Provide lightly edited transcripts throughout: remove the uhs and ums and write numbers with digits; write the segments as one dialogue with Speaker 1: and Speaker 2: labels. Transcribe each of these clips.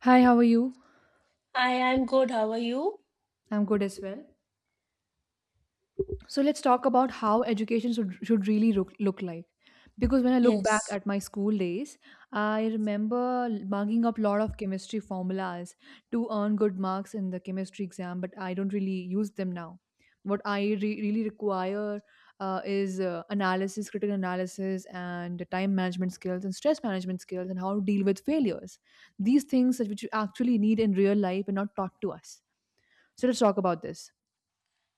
Speaker 1: Hi, how are you?
Speaker 2: I'm good. How are you?
Speaker 1: I'm good as well. So let's talk about how education should really look like. Because when I look back
Speaker 2: Yes.
Speaker 1: at my school days, I remember mugging up a lot of chemistry formulas to earn good marks in the chemistry exam, but I don't really use them now. What I really require is analysis, critical analysis, and time management skills, and stress management skills, and how to deal with failures. These things that which you actually need in real life and not taught to us. So let's talk about this.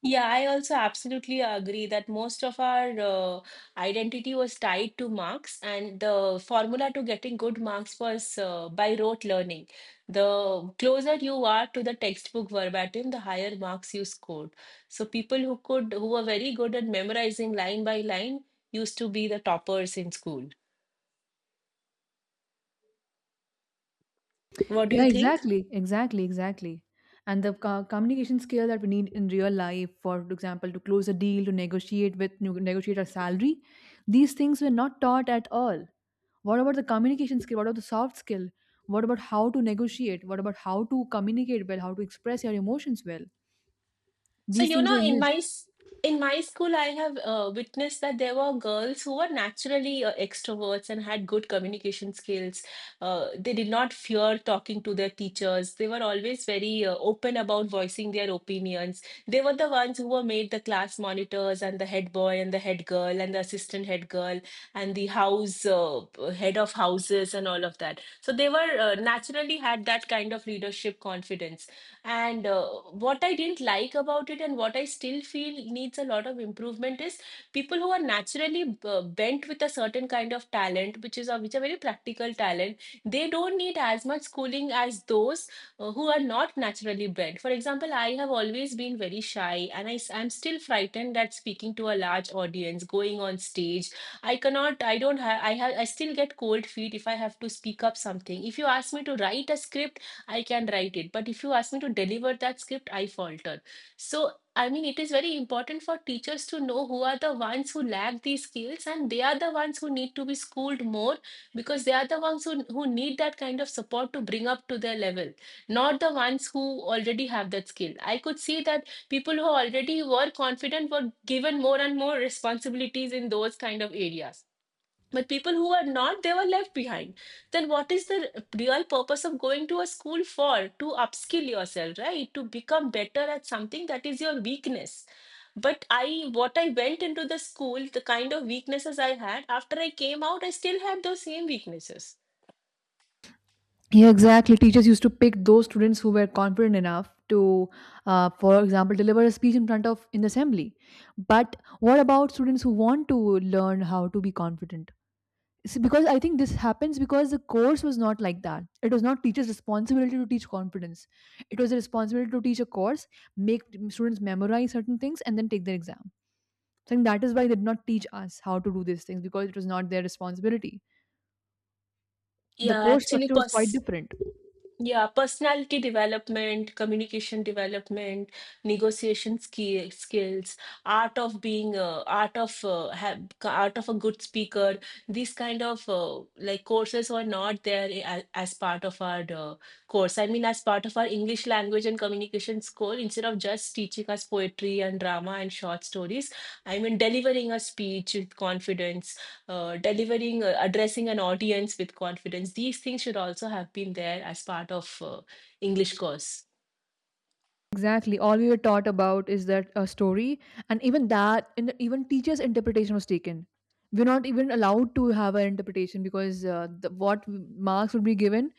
Speaker 2: Yeah, I also absolutely agree that most of our identity was tied to marks, and the formula to getting good marks was by rote learning. The closer you are to the textbook verbatim, the higher marks you scored. So people who could, who were very good at memorizing line by line, used to be the toppers in school. What do
Speaker 1: Yeah,
Speaker 2: you think?
Speaker 1: exactly. And the communication skill that we need in real life, for example, to close a deal, to negotiate with negotiate our salary, these things were not taught at all. What about the communication skill? What about the soft skill? What about how to negotiate? What about how to communicate well? How to express your emotions well?
Speaker 2: So
Speaker 1: These
Speaker 2: you
Speaker 1: things
Speaker 2: know,
Speaker 1: are
Speaker 2: in my
Speaker 1: missed.
Speaker 2: s- in my school, I have witnessed that there were girls who were naturally extroverts and had good communication skills. They did not fear talking to their teachers. They were always very open about voicing their opinions. They were the ones who were made the class monitors and the head boy and the head girl and the assistant head girl and the house head of houses and all of that. So they were naturally had that kind of leadership confidence and what I didn't like about it, and what I still feel needs a lot of improvement, is people who are naturally bent with a certain kind of talent, which are very practical talent. They don't need as much schooling as those who are not naturally bent. For example, I have always been very shy, and I am still frightened at speaking to a large audience, going on stage. I cannot. I don't have. I have. I still get cold feet if I have to speak up something. If you ask me to write a script. I can write it. But if you ask me to deliver that script, I falter. So, I mean, it is very important for teachers to know who are the ones who lack these skills and they are the ones who need to be schooled more because they are the ones who need that kind of support to bring up to their level, not the ones who already have that skill. I could see that people who already were confident were given more and more responsibilities in those kind of areas, but people who are not, they were left behind. Then what is the real purpose of going to a school for, to upskill yourself, right? To become better at something that is your weakness. But i— what I went into the school, the kind of weaknesses I had, after I came out I still had those same weaknesses.
Speaker 1: Yeah, exactly. Teachers used to pick those students who were confident enough to, for example, deliver a speech in front of in the assembly. But what about students who want to learn how to be confident? See, because I think this happens because the course was not like that. It was not teachers' responsibility to teach confidence. It was a responsibility to teach a course, make students memorize certain things, and then take their exam. So I think that is why they did not teach us how to do these things because it was not their responsibility. The
Speaker 2: yeah
Speaker 1: course
Speaker 2: actually
Speaker 1: structure was quite
Speaker 2: pers-
Speaker 1: different.
Speaker 2: Yeah, personality development, communication development, skills, art of being, uh, art of uh, ha art of a good speaker. These kind of like courses were not there as part of our course. I mean, as part of our English language and communication school, instead of just teaching us poetry and drama and short stories, I mean, delivering a speech with confidence delivering, addressing an audience with confidence. These things should also have been there as part of English course.
Speaker 1: Exactly. All we were taught about is that a story, and even that, in even teachers' interpretation was taken. We're not even allowed to have an interpretation because what marks would be given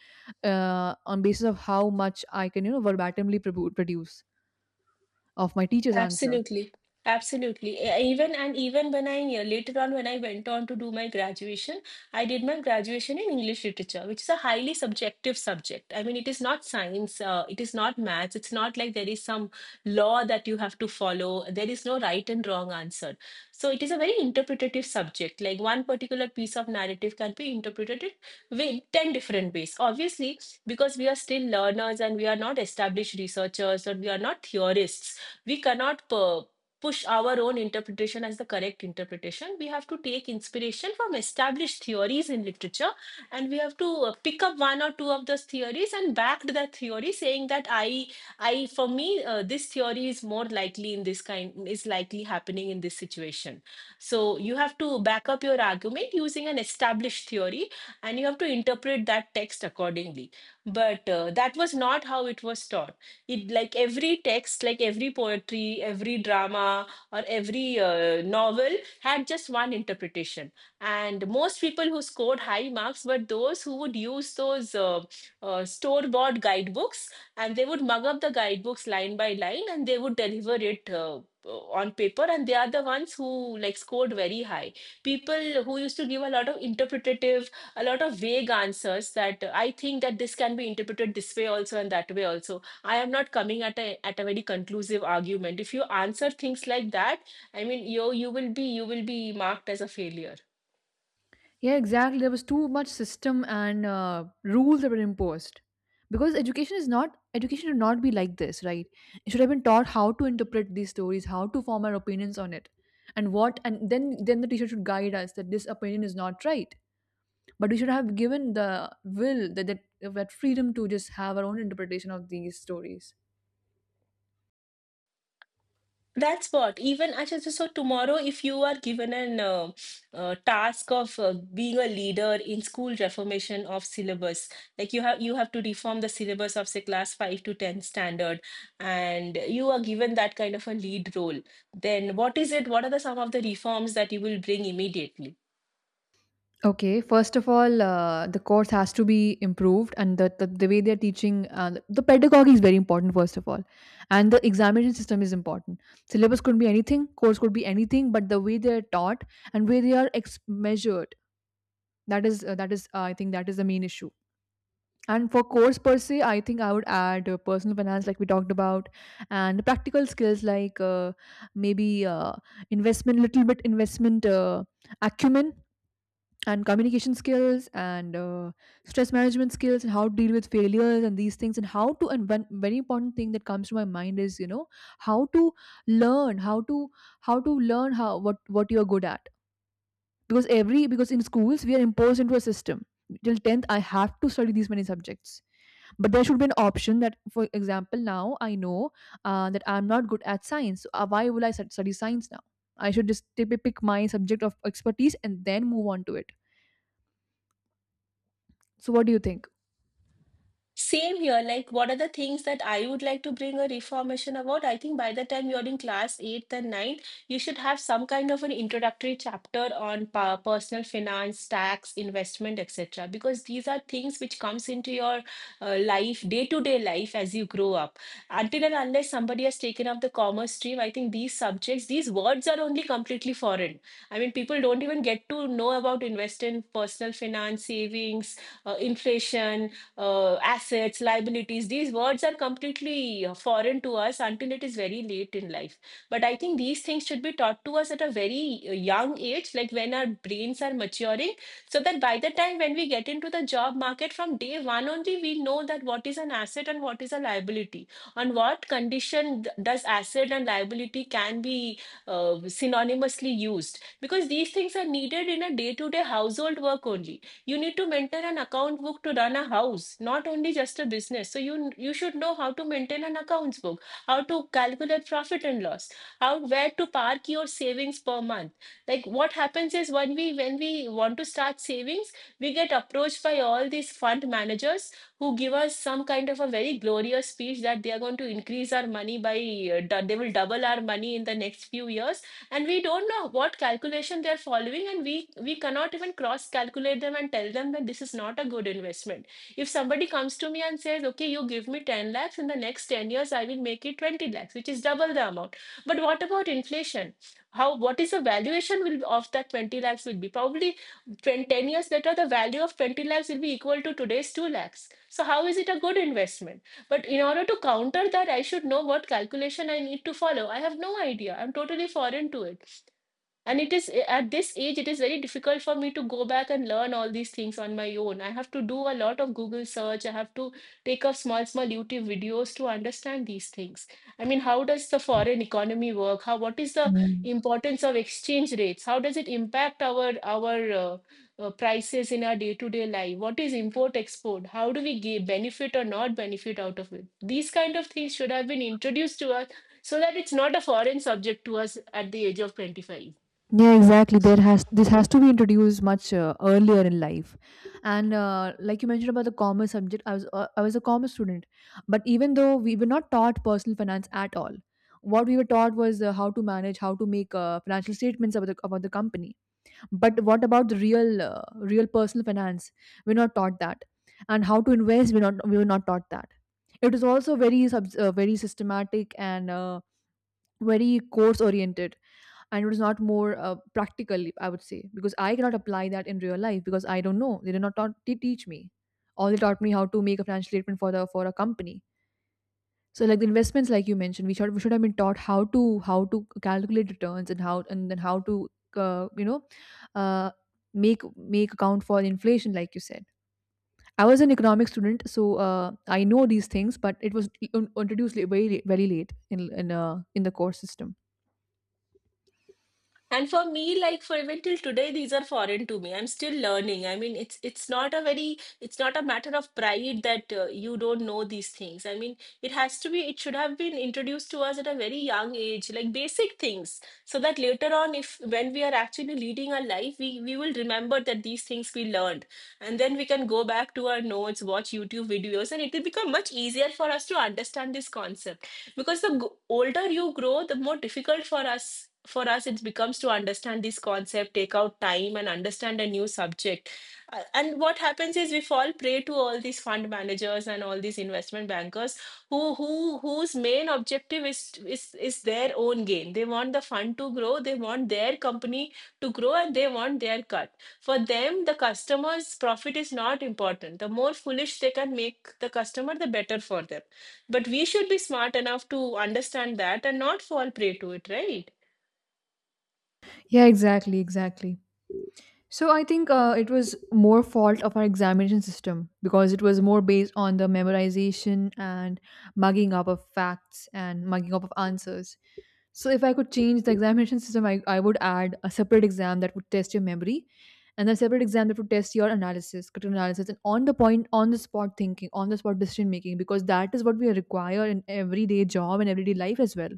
Speaker 1: on basis of how much I can, you know, verbatimly produce of my teacher's answer.
Speaker 2: Absolutely. Absolutely. Even and even when I later on when I went on to do my graduation, I did my graduation in English literature, which is a highly subjective subject. I mean, it is not science, it is not maths, it's not like there is some law that you have to follow. There is no right and wrong answer. So it is a very interpretative subject. Like one particular piece of narrative can be interpreted with 10 different ways. Obviously, because we are still learners and we are not established researchers or we are not theorists, we cannot pu- push our own interpretation as the correct interpretation. We have to take inspiration from established theories in literature, and we have to pick up one or two of those theories and back that theory saying that I for me, this theory is more likely in this kind, is likely happening in this situation. So you have to back up your argument using an established theory and you have to interpret that text accordingly. But that was not how it was taught. It like every text, like every poetry, every drama, or every novel had just one interpretation, and most people who scored high marks were those who would use those store bought guidebooks, and they would mug up the guidebooks line by line and they would deliver it on paper, and they are the ones who like scored very high. People who used to give a lot of interpretative, a lot of vague answers that I think that this can be interpreted this way also and that way also, I am not coming at a very conclusive argument. If you answer things like that, I mean you will be, you will be marked as a failure.
Speaker 1: Yeah, exactly. There was too much system and rules that were imposed. Because education is not education should not be like this, right? It should have been taught how to interpret these stories, how to form our opinions on it, and then the teacher should guide us that this opinion is not right. But we should have given the will that freedom to just have our own interpretation of these stories.
Speaker 2: That's what. Even actually, so tomorrow, if you are given an task of being a leader in school reformation of syllabus, like you have to reform the syllabus of say class 5 to 10 standard, and you are given that kind of a lead role, then what is it? What are the some of the reforms that you will bring immediately?
Speaker 1: Okay, first of all, the course has to be improved, and the way they're teaching, the pedagogy is very important, first of all. And the examination system is important. Syllabus could be anything, course could be anything, but the way they're taught and way they are measured, that is the main issue. And for course per se, I think I would add personal finance, like we talked about, and practical skills like maybe investment, little bit investment acumen and communication skills and stress management skills and how to deal with failures and these things and how to and one very important thing that comes to my mind is you know how to learn how to learn how what you are good at because every because in schools we are imposed into a system till 10th I have to study these many subjects but there should be an option that, for example, now I know that I'm not good at science, so why will I study science now? I should just pick my subject of expertise and then move on to it. So what do you think?
Speaker 2: Same here. Like, what are the things that I would like to bring a reformation about? I think by the time you're in class eighth and ninth, you should have some kind of an introductory chapter on personal finance, tax, investment, etc. Because these are things which comes into your life, day-to-day life as you grow up. Until and unless somebody has taken up the commerce stream, I think these subjects, these words are only completely foreign. I mean, people don't even get to know about invest in personal finance, savings, inflation, assets, liabilities. These words are completely foreign to us until it is very late in life. But I think these things should be taught to us at a very young age, like when our brains are maturing, so that by the time when we get into the job market from day one only, we know that what is an asset and what is a liability. On what condition does asset and liability can be synonymously used? Because these things are needed in a day-to-day household work only. You need to maintain an account book to run a house, not only just a business. So you should know how to maintain an accounts book, how to calculate profit and loss, how, where to park your savings per month. Like what happens is when we want to start savings, we get approached by all these fund managers who give us some kind of a very glorious speech that they are going to increase our money by they will double our money in the next few years, and we don't know what calculation they're following, and we cannot even cross calculate them and tell them that this is not a good investment. If somebody comes to me and says okay you give me 10 lakhs in the next 10 years I will make it 20 lakhs, which is double the amount, but what about inflation? How, what is the valuation will of that 20 lakhs will be probably 20, 10 years later the value of 20 lakhs will be equal to today's 2 lakhs. So how is it a good investment? But in order to counter that, I should know what calculation I need to follow. I have no idea. I'm totally foreign to it. And it is at this age, it is very difficult for me to go back and learn all these things on my own. I have to do a lot of Google search. I have to take up small, small YouTube videos to understand these things. I mean, how does the foreign economy work? How, what is the
Speaker 1: Yeah.
Speaker 2: importance of exchange rates? How does it impact our prices in our day-to-day life? What is import-export? How do we get benefit or not benefit out of it? These kind of things should have been introduced to us so that it's not a foreign subject to us at the age of 25.
Speaker 1: Yeah, exactly. There has this has to be introduced much earlier in life, and like you mentioned about the commerce subject, I was a commerce student, but even though we were not taught personal finance at all, what we were taught was how to manage, how to make financial statements about the company. But what about the real real personal finance? We're not taught that, and how to invest. We're not. We were not taught that. It is also very very systematic and very course oriented and it was not more practical, I would say, because I cannot apply that in real life because I don't know they did not taught, they teach me all they taught me how to make a financial statement for the for a company. So like the investments like you mentioned we should have been taught how to calculate returns and how and then how to uh, you know uh, make make account for inflation like you said. I was an economics student, so I know these things, but it was introduced very late in the course system.
Speaker 2: And for me, like for even till today, these are foreign to me. I'm still learning. I mean, it's not a very, it's not a matter of pride that you don't know these things. I mean, it should have been introduced to us at a very young age, like basic things, so that later on, if when we are actually leading our life, we will remember that these things we learned, and then we can go back to our notes, watch YouTube videos, and it will become much easier for us to understand this concept because the older you grow, the more difficult for us it becomes to understand this concept, take out time and understand a new subject. And what happens is we fall prey to all these fund managers and all these investment bankers who who whose main objective is is their own gain. They want the fund to grow, they want their company to grow, and they want their cut. For them, the customer's profit is not important. The more foolish they can make the customer, the better for them. But we should be smart enough to understand that and not fall prey to it, right?
Speaker 1: Yeah, exactly, exactly. So I think it was more fault of our examination system because it was more based on the memorization and mugging up of facts and mugging up of answers. So if I could change the examination system, I would add a separate exam that would test your memory and a separate exam that would test your analysis, critical analysis and on the point, on the spot thinking, on the spot decision making, because that is what we require in everyday job and everyday life as well.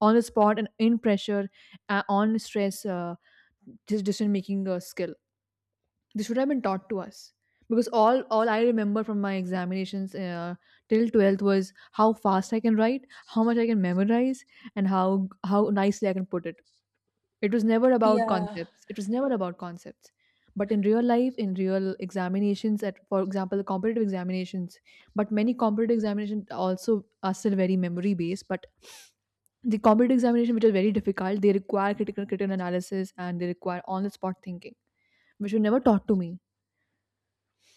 Speaker 1: On the spot and in pressure, on stress, decision making skill this should have been taught to us because all I remember from my examinations till 12th was how fast I can write, how much I can memorize, and how nicely I can put it. It was never about
Speaker 2: Yeah.
Speaker 1: concepts. It was never about concepts. But in real life, in real examinations at, for example, the competitive examinations, but many competitive examinations also are still very memory based, but the competitive examination which are very difficult they require critical analysis and they require on the spot thinking which were never taught to me.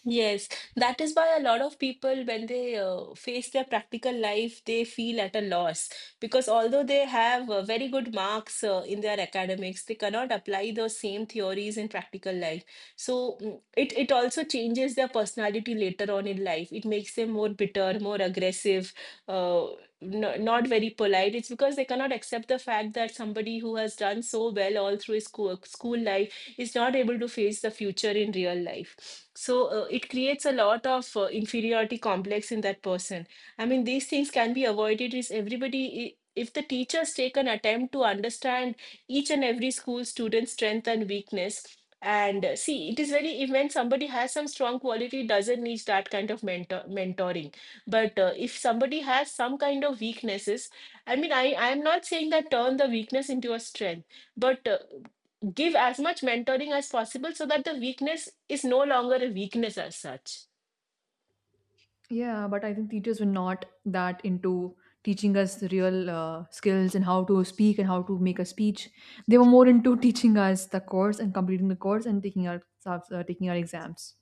Speaker 2: Yes, that is why a lot of people, when they face their practical life, they feel at a loss because although they have very good marks in their academics, they cannot apply those same theories in practical life. So it also changes their personality later on in life. It makes them more bitter, more aggressive, uh, no, not very polite. It's because they cannot accept the fact that somebody who has done so well all through his school life is not able to face the future in real life. So it creates a lot of inferiority complex in that person. I mean, these things can be avoided is everybody if the teachers take an attempt to understand each and every school student's strength and weakness. And see, it is very if when somebody has some strong quality, doesn't need that kind of mentoring, but if somebody has some kind of weaknesses, I mean, I am not saying that turn the weakness into a strength, but give as much mentoring as possible so that the weakness is no longer a weakness as such.
Speaker 1: Yeah, but I think teachers were not that into teaching us the real skills and how to speak and how to make a speech. They were more into teaching us the course and completing the course and taking our taking our exams.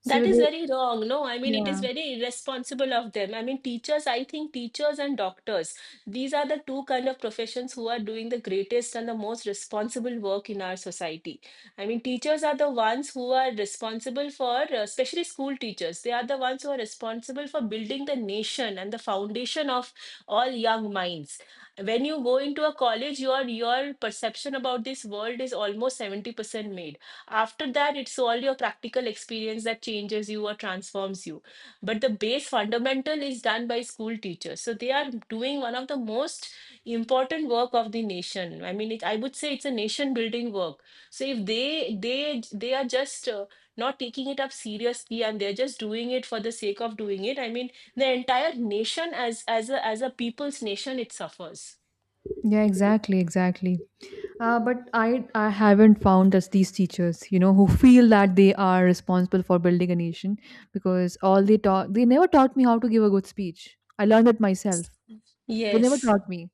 Speaker 1: So
Speaker 2: That is
Speaker 1: they,
Speaker 2: very wrong. No, I mean, it is
Speaker 1: yeah,
Speaker 2: very irresponsible of them. I mean, teachers, I think teachers and doctors, these are the two kind of professions who are doing the greatest and the most responsible work in our society. I mean, teachers are the ones who are responsible for, especially school teachers, they are the ones who are responsible for building the nation and the foundation of all young minds. When you go into a college, your perception about this world is almost 70% made. After that, it's all your practical experience that changes you or transforms you, but the base fundamental is done by school teachers. So they are doing one of the most important work of the nation. I mean it, I would say it's a nation building work. So if they are just not taking it up seriously and they're just doing it for the sake of doing it, I mean, the entire nation as a people's nation, it suffers.
Speaker 1: yeah, exactly. But I haven't found that these teachers, you know, who feel that they are responsible for building a nation because all they taught they never taught me how to give a good speech. I learned it myself. They never
Speaker 2: Yes.
Speaker 1: taught me.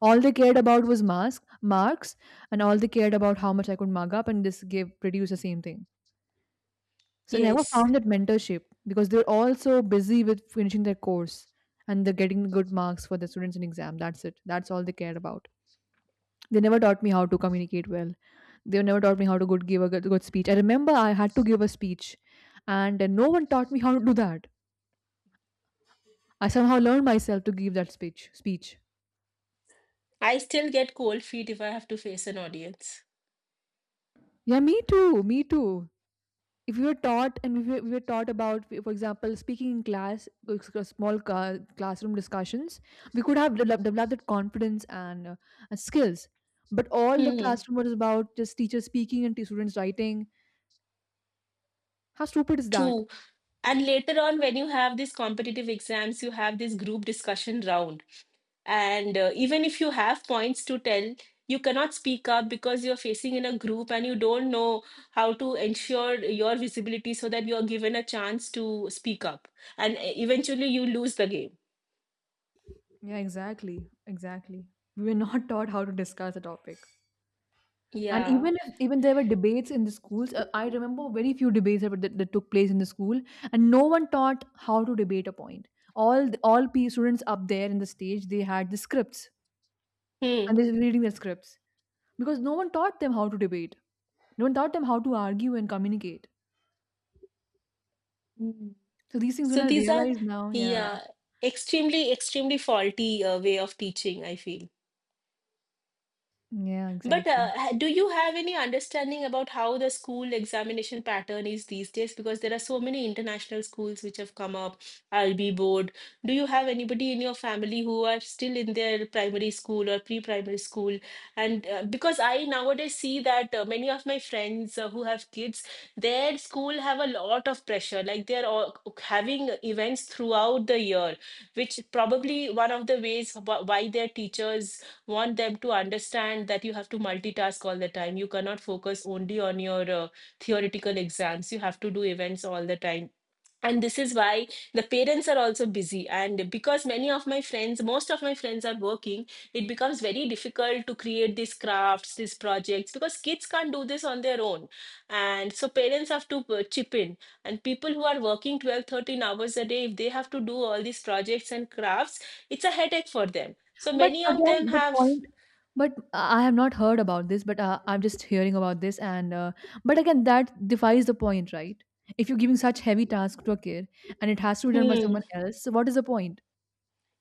Speaker 1: All they cared about was mask marks, and all they cared about how much I could mug up, and this gave produce the same thing. So I never
Speaker 2: Yes.
Speaker 1: found that mentorship because they were all so busy with finishing their course and they're getting good marks for the students in exam. That's it. That's all they cared about. They never taught me how to communicate well. They never taught me how to good give a good speech. I remember I had to give a speech, and no one taught me how to do that. I somehow learned myself to give that speech. Speech.
Speaker 2: I still get cold feet if I have to face an audience.
Speaker 1: Yeah, me too. Me too. If we were taught and if we were taught about, for example, speaking in class, small classroom discussions, we could have developed that confidence and skills. But all the
Speaker 2: Hmm.
Speaker 1: classroom was about just teachers speaking and students writing. How stupid is that?
Speaker 2: True. And later on, when you have these competitive exams, you have this group discussion round. And even if you have points to tell, you cannot speak up because you're facing in a group and you don't know how to ensure your visibility so that you're given a chance to speak up. And eventually, you lose the game.
Speaker 1: Yeah, exactly. Exactly. We were not taught how to discuss a topic. And
Speaker 2: Yeah.
Speaker 1: even if even there were debates in the schools, I remember very few debates that, that took place in the school, and no one taught how to debate a point. All P students up there in the stage, they had the scripts
Speaker 2: Hmm.
Speaker 1: and they were reading their scripts because no one taught them how to debate. No one taught them how to argue and communicate.
Speaker 2: Hmm.
Speaker 1: So these things, when
Speaker 2: So
Speaker 1: I
Speaker 2: these are,
Speaker 1: realize now, yeah,
Speaker 2: yeah, extremely, extremely faulty way of teaching, I feel.
Speaker 1: yeah,
Speaker 2: But
Speaker 1: exactly.
Speaker 2: do you have any understanding about how the school examination pattern is these days? Because there are so many international schools which have come up, IB board. Do you have anybody in your family who are still in their primary school or pre-primary school? And because I nowadays see that many of my friends who have kids, their school have a lot of pressure. Like they're all having events throughout the year, which probably one of the ways why their teachers want them to understand that you have to multitask all the time. You cannot focus only on your theoretical exams. You have to do events all the time. And this is why the parents are also busy. And because many of my friends, most of my friends are working, it becomes very difficult to create these crafts, these projects, because kids can't do this on their own. And so parents have to chip in. And people who are working 12, 13 hours a day, if they have to do all these projects and crafts, it's a headache for them. So
Speaker 1: But
Speaker 2: many of them
Speaker 1: again, the
Speaker 2: have
Speaker 1: point. But I have not heard about this. But I'm just hearing about this, and but again, that defies the point, right? If you're giving such heavy task to a kid and it has to be done by
Speaker 2: Hmm.
Speaker 1: someone else, so what is the point?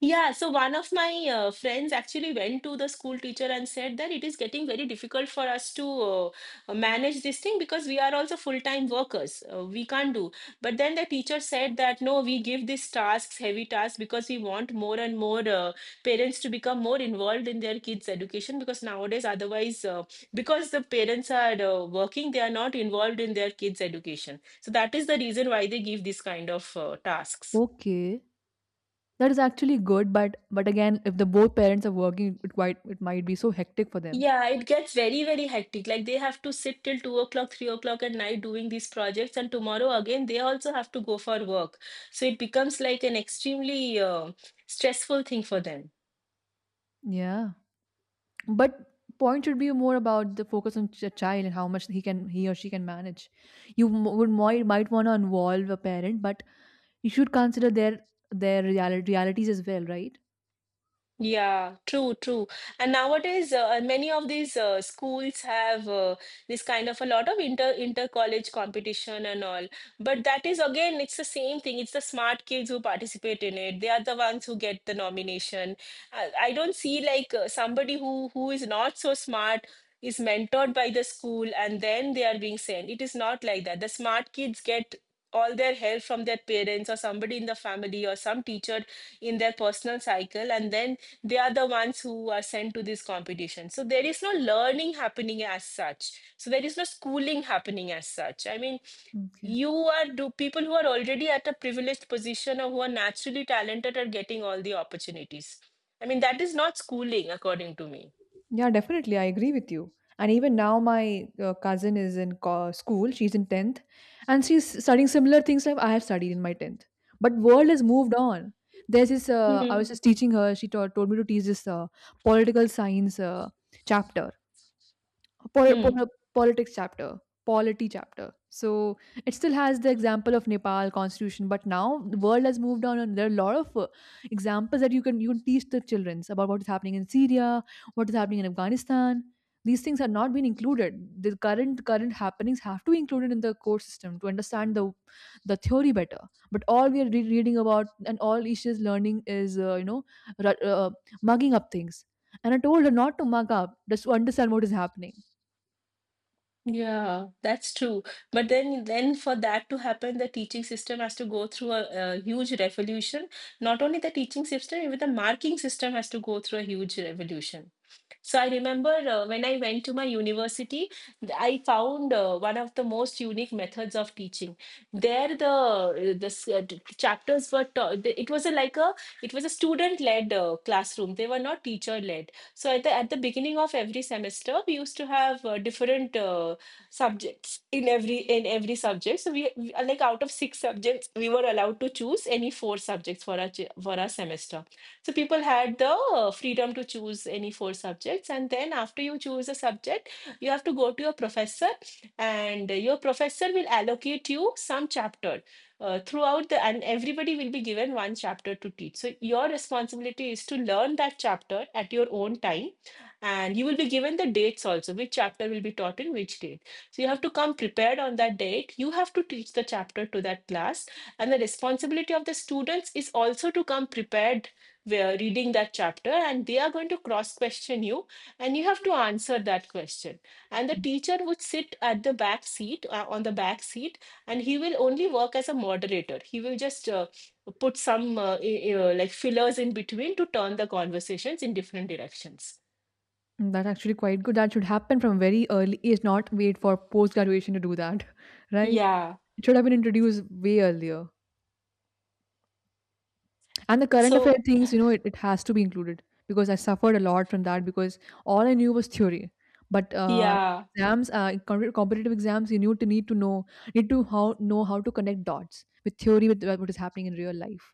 Speaker 2: Yeah, so one of my friends actually went to the school teacher and said that it is getting very difficult for us to manage this thing because we are also full-time workers. We can't do. But then the teacher said that no, we give these tasks, heavy tasks, because we want more and more parents to become more involved in their kids' education because nowadays, otherwise, because the parents are working, they are not involved in their kids' education. So that is the reason why they give this kind of tasks.
Speaker 1: Okay, that is actually good, but again, if the both parents are working, it quite it might be so hectic for them.
Speaker 2: Yeah, it gets very, very hectic. Like they have to sit till 2 o'clock, 3 o'clock at night doing these projects, and tomorrow again they also have to go for work. So it becomes like an extremely stressful thing for them.
Speaker 1: Yeah. But point should be more about the focus on child and how much he can he or she can manage. You might want to involve a parent but you should consider their realities as well, right?
Speaker 2: Yeah, true, true. And nowadays, many of these schools have this kind of a lot of inter-college competition and all. But that is again, it's the same thing. It's the smart kids who participate in it. They are the ones who get the nomination. I don't see like somebody who is not so smart is mentored by the school and then they are being sent. It is not like that. The smart kids get all their help from their parents or somebody in the family or some teacher in their personal cycle, and then they are the ones who are sent to this competition. So there is no learning happening as such. So there is no schooling happening as such. I mean,
Speaker 1: Okay.
Speaker 2: you are do people who are already at a privileged position or who are naturally talented are getting all the opportunities. I mean, that is not schooling, according to me.
Speaker 1: Yeah, definitely. I agree with you. And even now, my cousin is in school. She's in 10th and she's studying similar things like I have studied in my 10th. But world has moved on. There's this, I was
Speaker 2: Hmm.
Speaker 1: just teaching her, told me to teach this political science chapter
Speaker 2: Hmm.
Speaker 1: politics chapter polity chapter so it still has the example of Nepal constitution, but now the world has moved on and there are a lot of examples that you can teach the children about what is happening in Syria, what is happening in Afghanistan. These things are not being included. The current happenings have to be included in the core system to understand the theory better. But all we are reading about and all issues learning is ru- uh, mugging up things. And I told her not to mug up, just to understand what is happening.
Speaker 2: Yeah, that's true. But then for that to happen, the teaching system has to go through a huge revolution. Not only the teaching system, even the marking system has to go through a huge revolution. So I remember when I went to my university, I found one of the most unique methods of teaching. There, the chapters were taught. It was a, like a it was a student-led classroom. They were not teacher-led. So at the beginning of every semester, we used to have different subjects in every subject. So we like out of six subjects, we were allowed to choose any four subjects for our for our semester. So people had the freedom to choose any four subjects. And then after you choose a subject, you have to go to your professor, and your professor will allocate you some chapter. Throughout the And everybody will be given one chapter to teach, so your responsibility is to learn that chapter at your own time, and you will be given the dates also, which chapter will be taught in which date. So you have to come prepared on that date. You have to teach the chapter to that class, and the responsibility of the students is also to come prepared, were reading that chapter, and they are going to cross question you, and you have to answer that question. And the teacher would sit at the back seat, and he will only work as a moderator. He will just put some like fillers in between to turn the conversations in different directions.
Speaker 1: Mm, that's actually quite good. That should happen from very early age, not wait for post graduation to do that, right?
Speaker 2: Yeah.
Speaker 1: It should have been introduced way earlier. And the current affair
Speaker 2: So
Speaker 1: things, you know, it has to be included because I suffered a lot from that, because all I knew was theory. But
Speaker 2: yeah.
Speaker 1: exams, competitive exams, you need to know, need to how know how to connect dots with theory with what is happening in real life.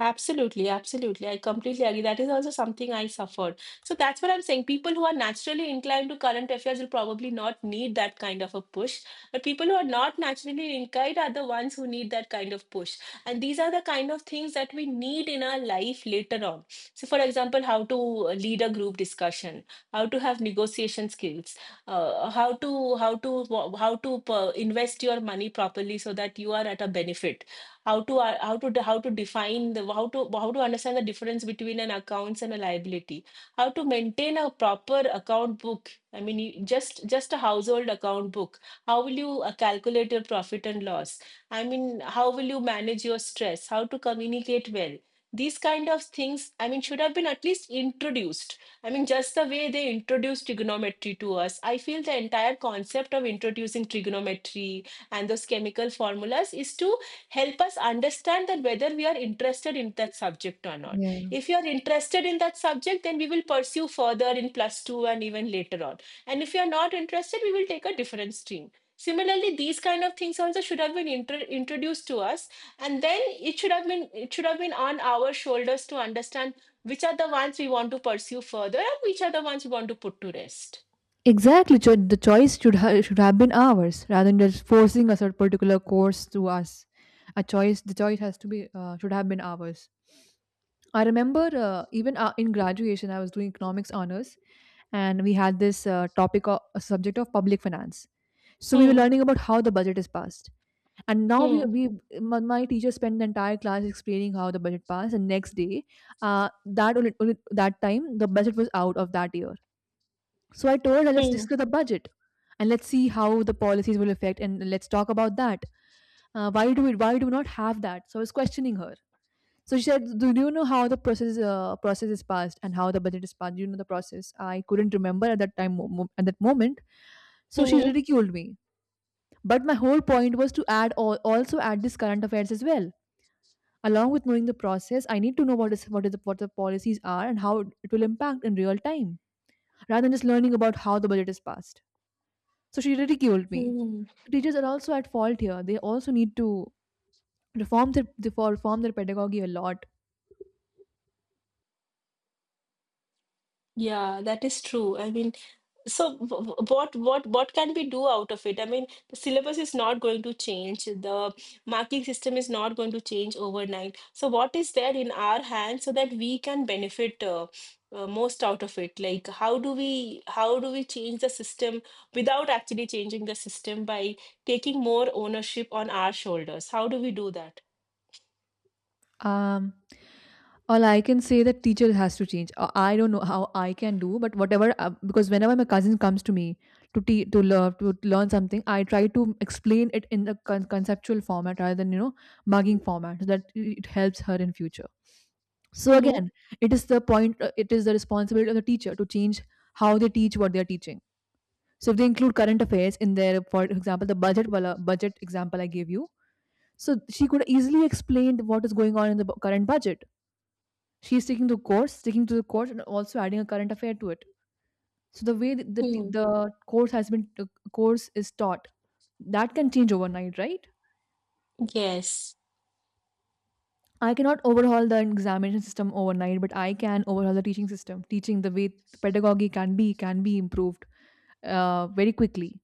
Speaker 2: Absolutely, absolutely. I completely agree. That is also something I suffered. So that's what I'm saying. People who are naturally inclined to current affairs will probably not need that kind of a push. But people who are not naturally inclined are the ones who need that kind of push. And these are the kind of things that we need in our life later on. So, for example, how to lead a group discussion, how to have negotiation skills, uh, how to how to how to invest your money properly so that you are at a benefit. How to how to how to define the how to understand the difference between an accounts and a liability. How to maintain a proper account book, I mean just a household account book. How will you calculate your profit and loss? I mean, how will you manage your stress? How to communicate well? These kind of things, I mean, should have been at least introduced. I mean, just the way they introduced trigonometry to us, I feel the entire concept of introducing trigonometry and those chemical formulas is to help us understand that whether we are interested in that subject or not.
Speaker 1: Yeah.
Speaker 2: If you are interested in that subject, then we will pursue further in plus 2 and even later on, and if you are not interested, we will take a different stream. Similarly, these kind of things also should have been introduced to us, and then it should have been on our shoulders to understand which are the ones we want to pursue further and which are the ones we want to put to rest.
Speaker 1: Exactly, the choice should have been ours rather than just forcing a certain particular course to us. A choice, the choice has to be should have been ours. I remember even in graduation, I was doing economics honors, and we had this topic, of, a subject of public finance. So we were
Speaker 2: Hmm.
Speaker 1: learning about how the budget is passed, and now
Speaker 2: Hmm.
Speaker 1: we my teacher spent the entire class explaining how the budget passed, and next day, uh, that that time the budget was out of that year, so I told her, let's
Speaker 2: Hmm.
Speaker 1: discuss the budget and let's see how the policies will affect and let's talk about that. Why do we not have that? So I was questioning her. So she said, "Do you know how the process is passed and how the budget is passed? Do you know the process?" I couldn't remember at that time at that moment. So she
Speaker 2: Hmm.
Speaker 1: ridiculed me. But my whole point was to also add this current affairs as well. Along with knowing the process, I need to know what the policies are and how it will impact in real time, rather than just learning about how the budget is passed. So she ridiculed me.
Speaker 2: Hmm.
Speaker 1: So teachers are also at fault here. They also need to reform their for reform their pedagogy a lot.
Speaker 2: Yeah, that is true, I mean. So, what can we do out of it? I mean, the syllabus is not going to change. The marking system is not going to change overnight. So, what is there in our hands so that we can benefit most out of it? Like, how do we change the system without actually changing the system by taking more ownership on our shoulders? How do we do that?
Speaker 1: Um, all I can say that teacher has to change. I don't know how I can do, but whatever. Because whenever my cousin comes to me to learn something, I try to explain it in the conceptual format rather than, you know, mugging format, so that it helps her in future. So again, it is the point. It is the responsibility of the teacher to change how they teach what they are teaching. So if they include current affairs in their, for example, the budget wala, budget example I gave you, so she could easily explain what is going on in the current budget. She is taking the course, sticking to the course, and also adding a current affair to it. So the way that
Speaker 2: Mm-hmm.
Speaker 1: the course is taught, that can change overnight, right?
Speaker 2: Yes.
Speaker 1: I cannot overhaul the examination system overnight, but I can overhaul the teaching system. Teaching the way pedagogy can be improved very quickly.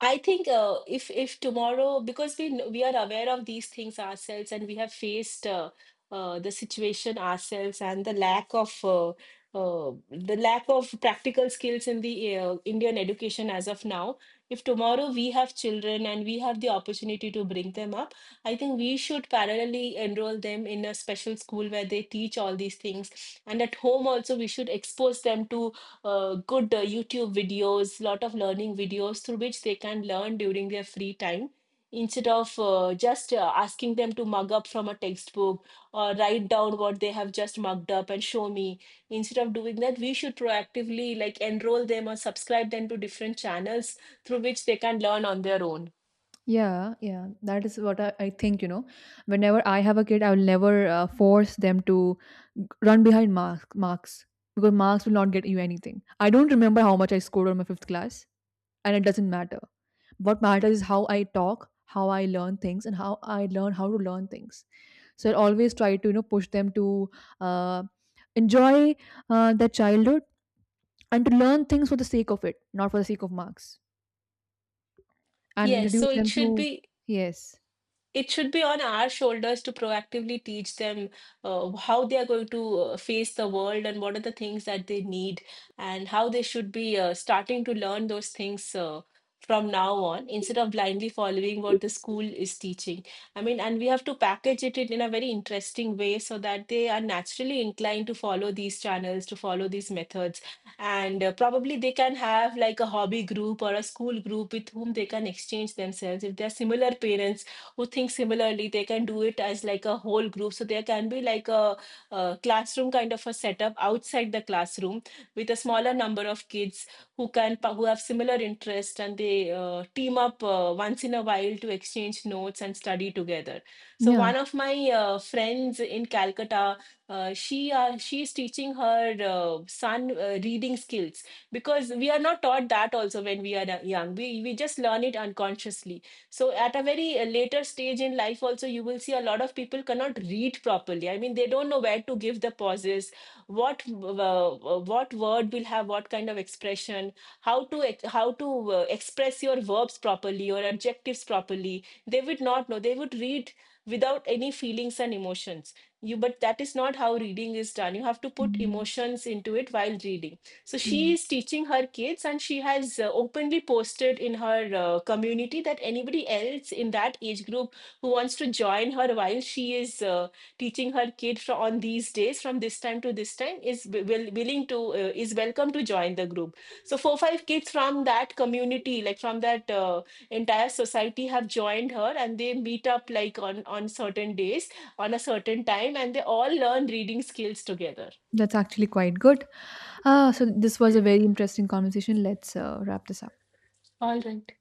Speaker 2: I think if tomorrow, because we are aware of these things ourselves and we have faced the situation ourselves and the lack of practical skills in the Indian education as of now. If tomorrow we have children and we have the opportunity to bring them up, I think we should parallelly enroll them in a special school where they teach all these things. And at home also, we should expose them to good YouTube videos, lot of learning videos through which they can learn during their free time, instead of just asking them to mug up from a textbook or write down what they have just mugged up and show me. Instead of doing that, we should proactively like enroll them or subscribe them to different channels through which they can learn on their own.
Speaker 1: Yeah, yeah, that is what I think. You know, whenever I have a kid, I will never force them to run behind marks, because marks will not get you anything. I don't remember how much I scored on my fifth class, and it doesn't matter. What matters is how I talk, how I learn things, and how I learn how to learn things. So I always try to, you know, push them to uh, enjoy their childhood and to learn things for the sake of it, not for the sake of marks, and
Speaker 2: Yes, so
Speaker 1: introduce them to yes,
Speaker 2: it should be on our shoulders to proactively teach them how they are going to face the world and what are the things that they need and how they should be starting to learn those things from now on, instead of blindly following what the school is teaching. I mean, and we have to package it in a very interesting way so that they are naturally inclined to follow these channels, to follow these methods. And probably they can have like a hobby group or a school group with whom they can exchange themselves. If they're similar parents who think similarly, they can do it as like a whole group, so there can be like a classroom kind of a setup outside the classroom, with a smaller number of kids who have similar interest, and they team up once in a while to exchange notes and study together. So
Speaker 1: yeah.
Speaker 2: one of my friends in Calcutta, she is teaching her son reading skills, because we are not taught that also. When we are young, we just learn it unconsciously. So at a very later stage in life also, you will see a lot of people cannot read properly. I mean, they don't know where to give the pauses, what what word will have what kind of expression, how to express your verbs properly or adjectives properly. They would not know. They would read without any feelings and emotions. You, but that is not how reading is done. You have to put
Speaker 1: Mm.
Speaker 2: emotions into it while reading. So
Speaker 1: Yeah.
Speaker 2: she is teaching her kids, and she has openly posted in her community that anybody else in that age group who wants to join her while she is teaching her kid on these days, from this time to this time, willing to is welcome to join the group. So four five kids from that community, like from that entire society, have joined her, and they meet up like on certain days on a certain time, and they all learn reading skills together.
Speaker 1: That's actually quite good. So this was a very interesting conversation. Let's wrap this up.
Speaker 2: All right.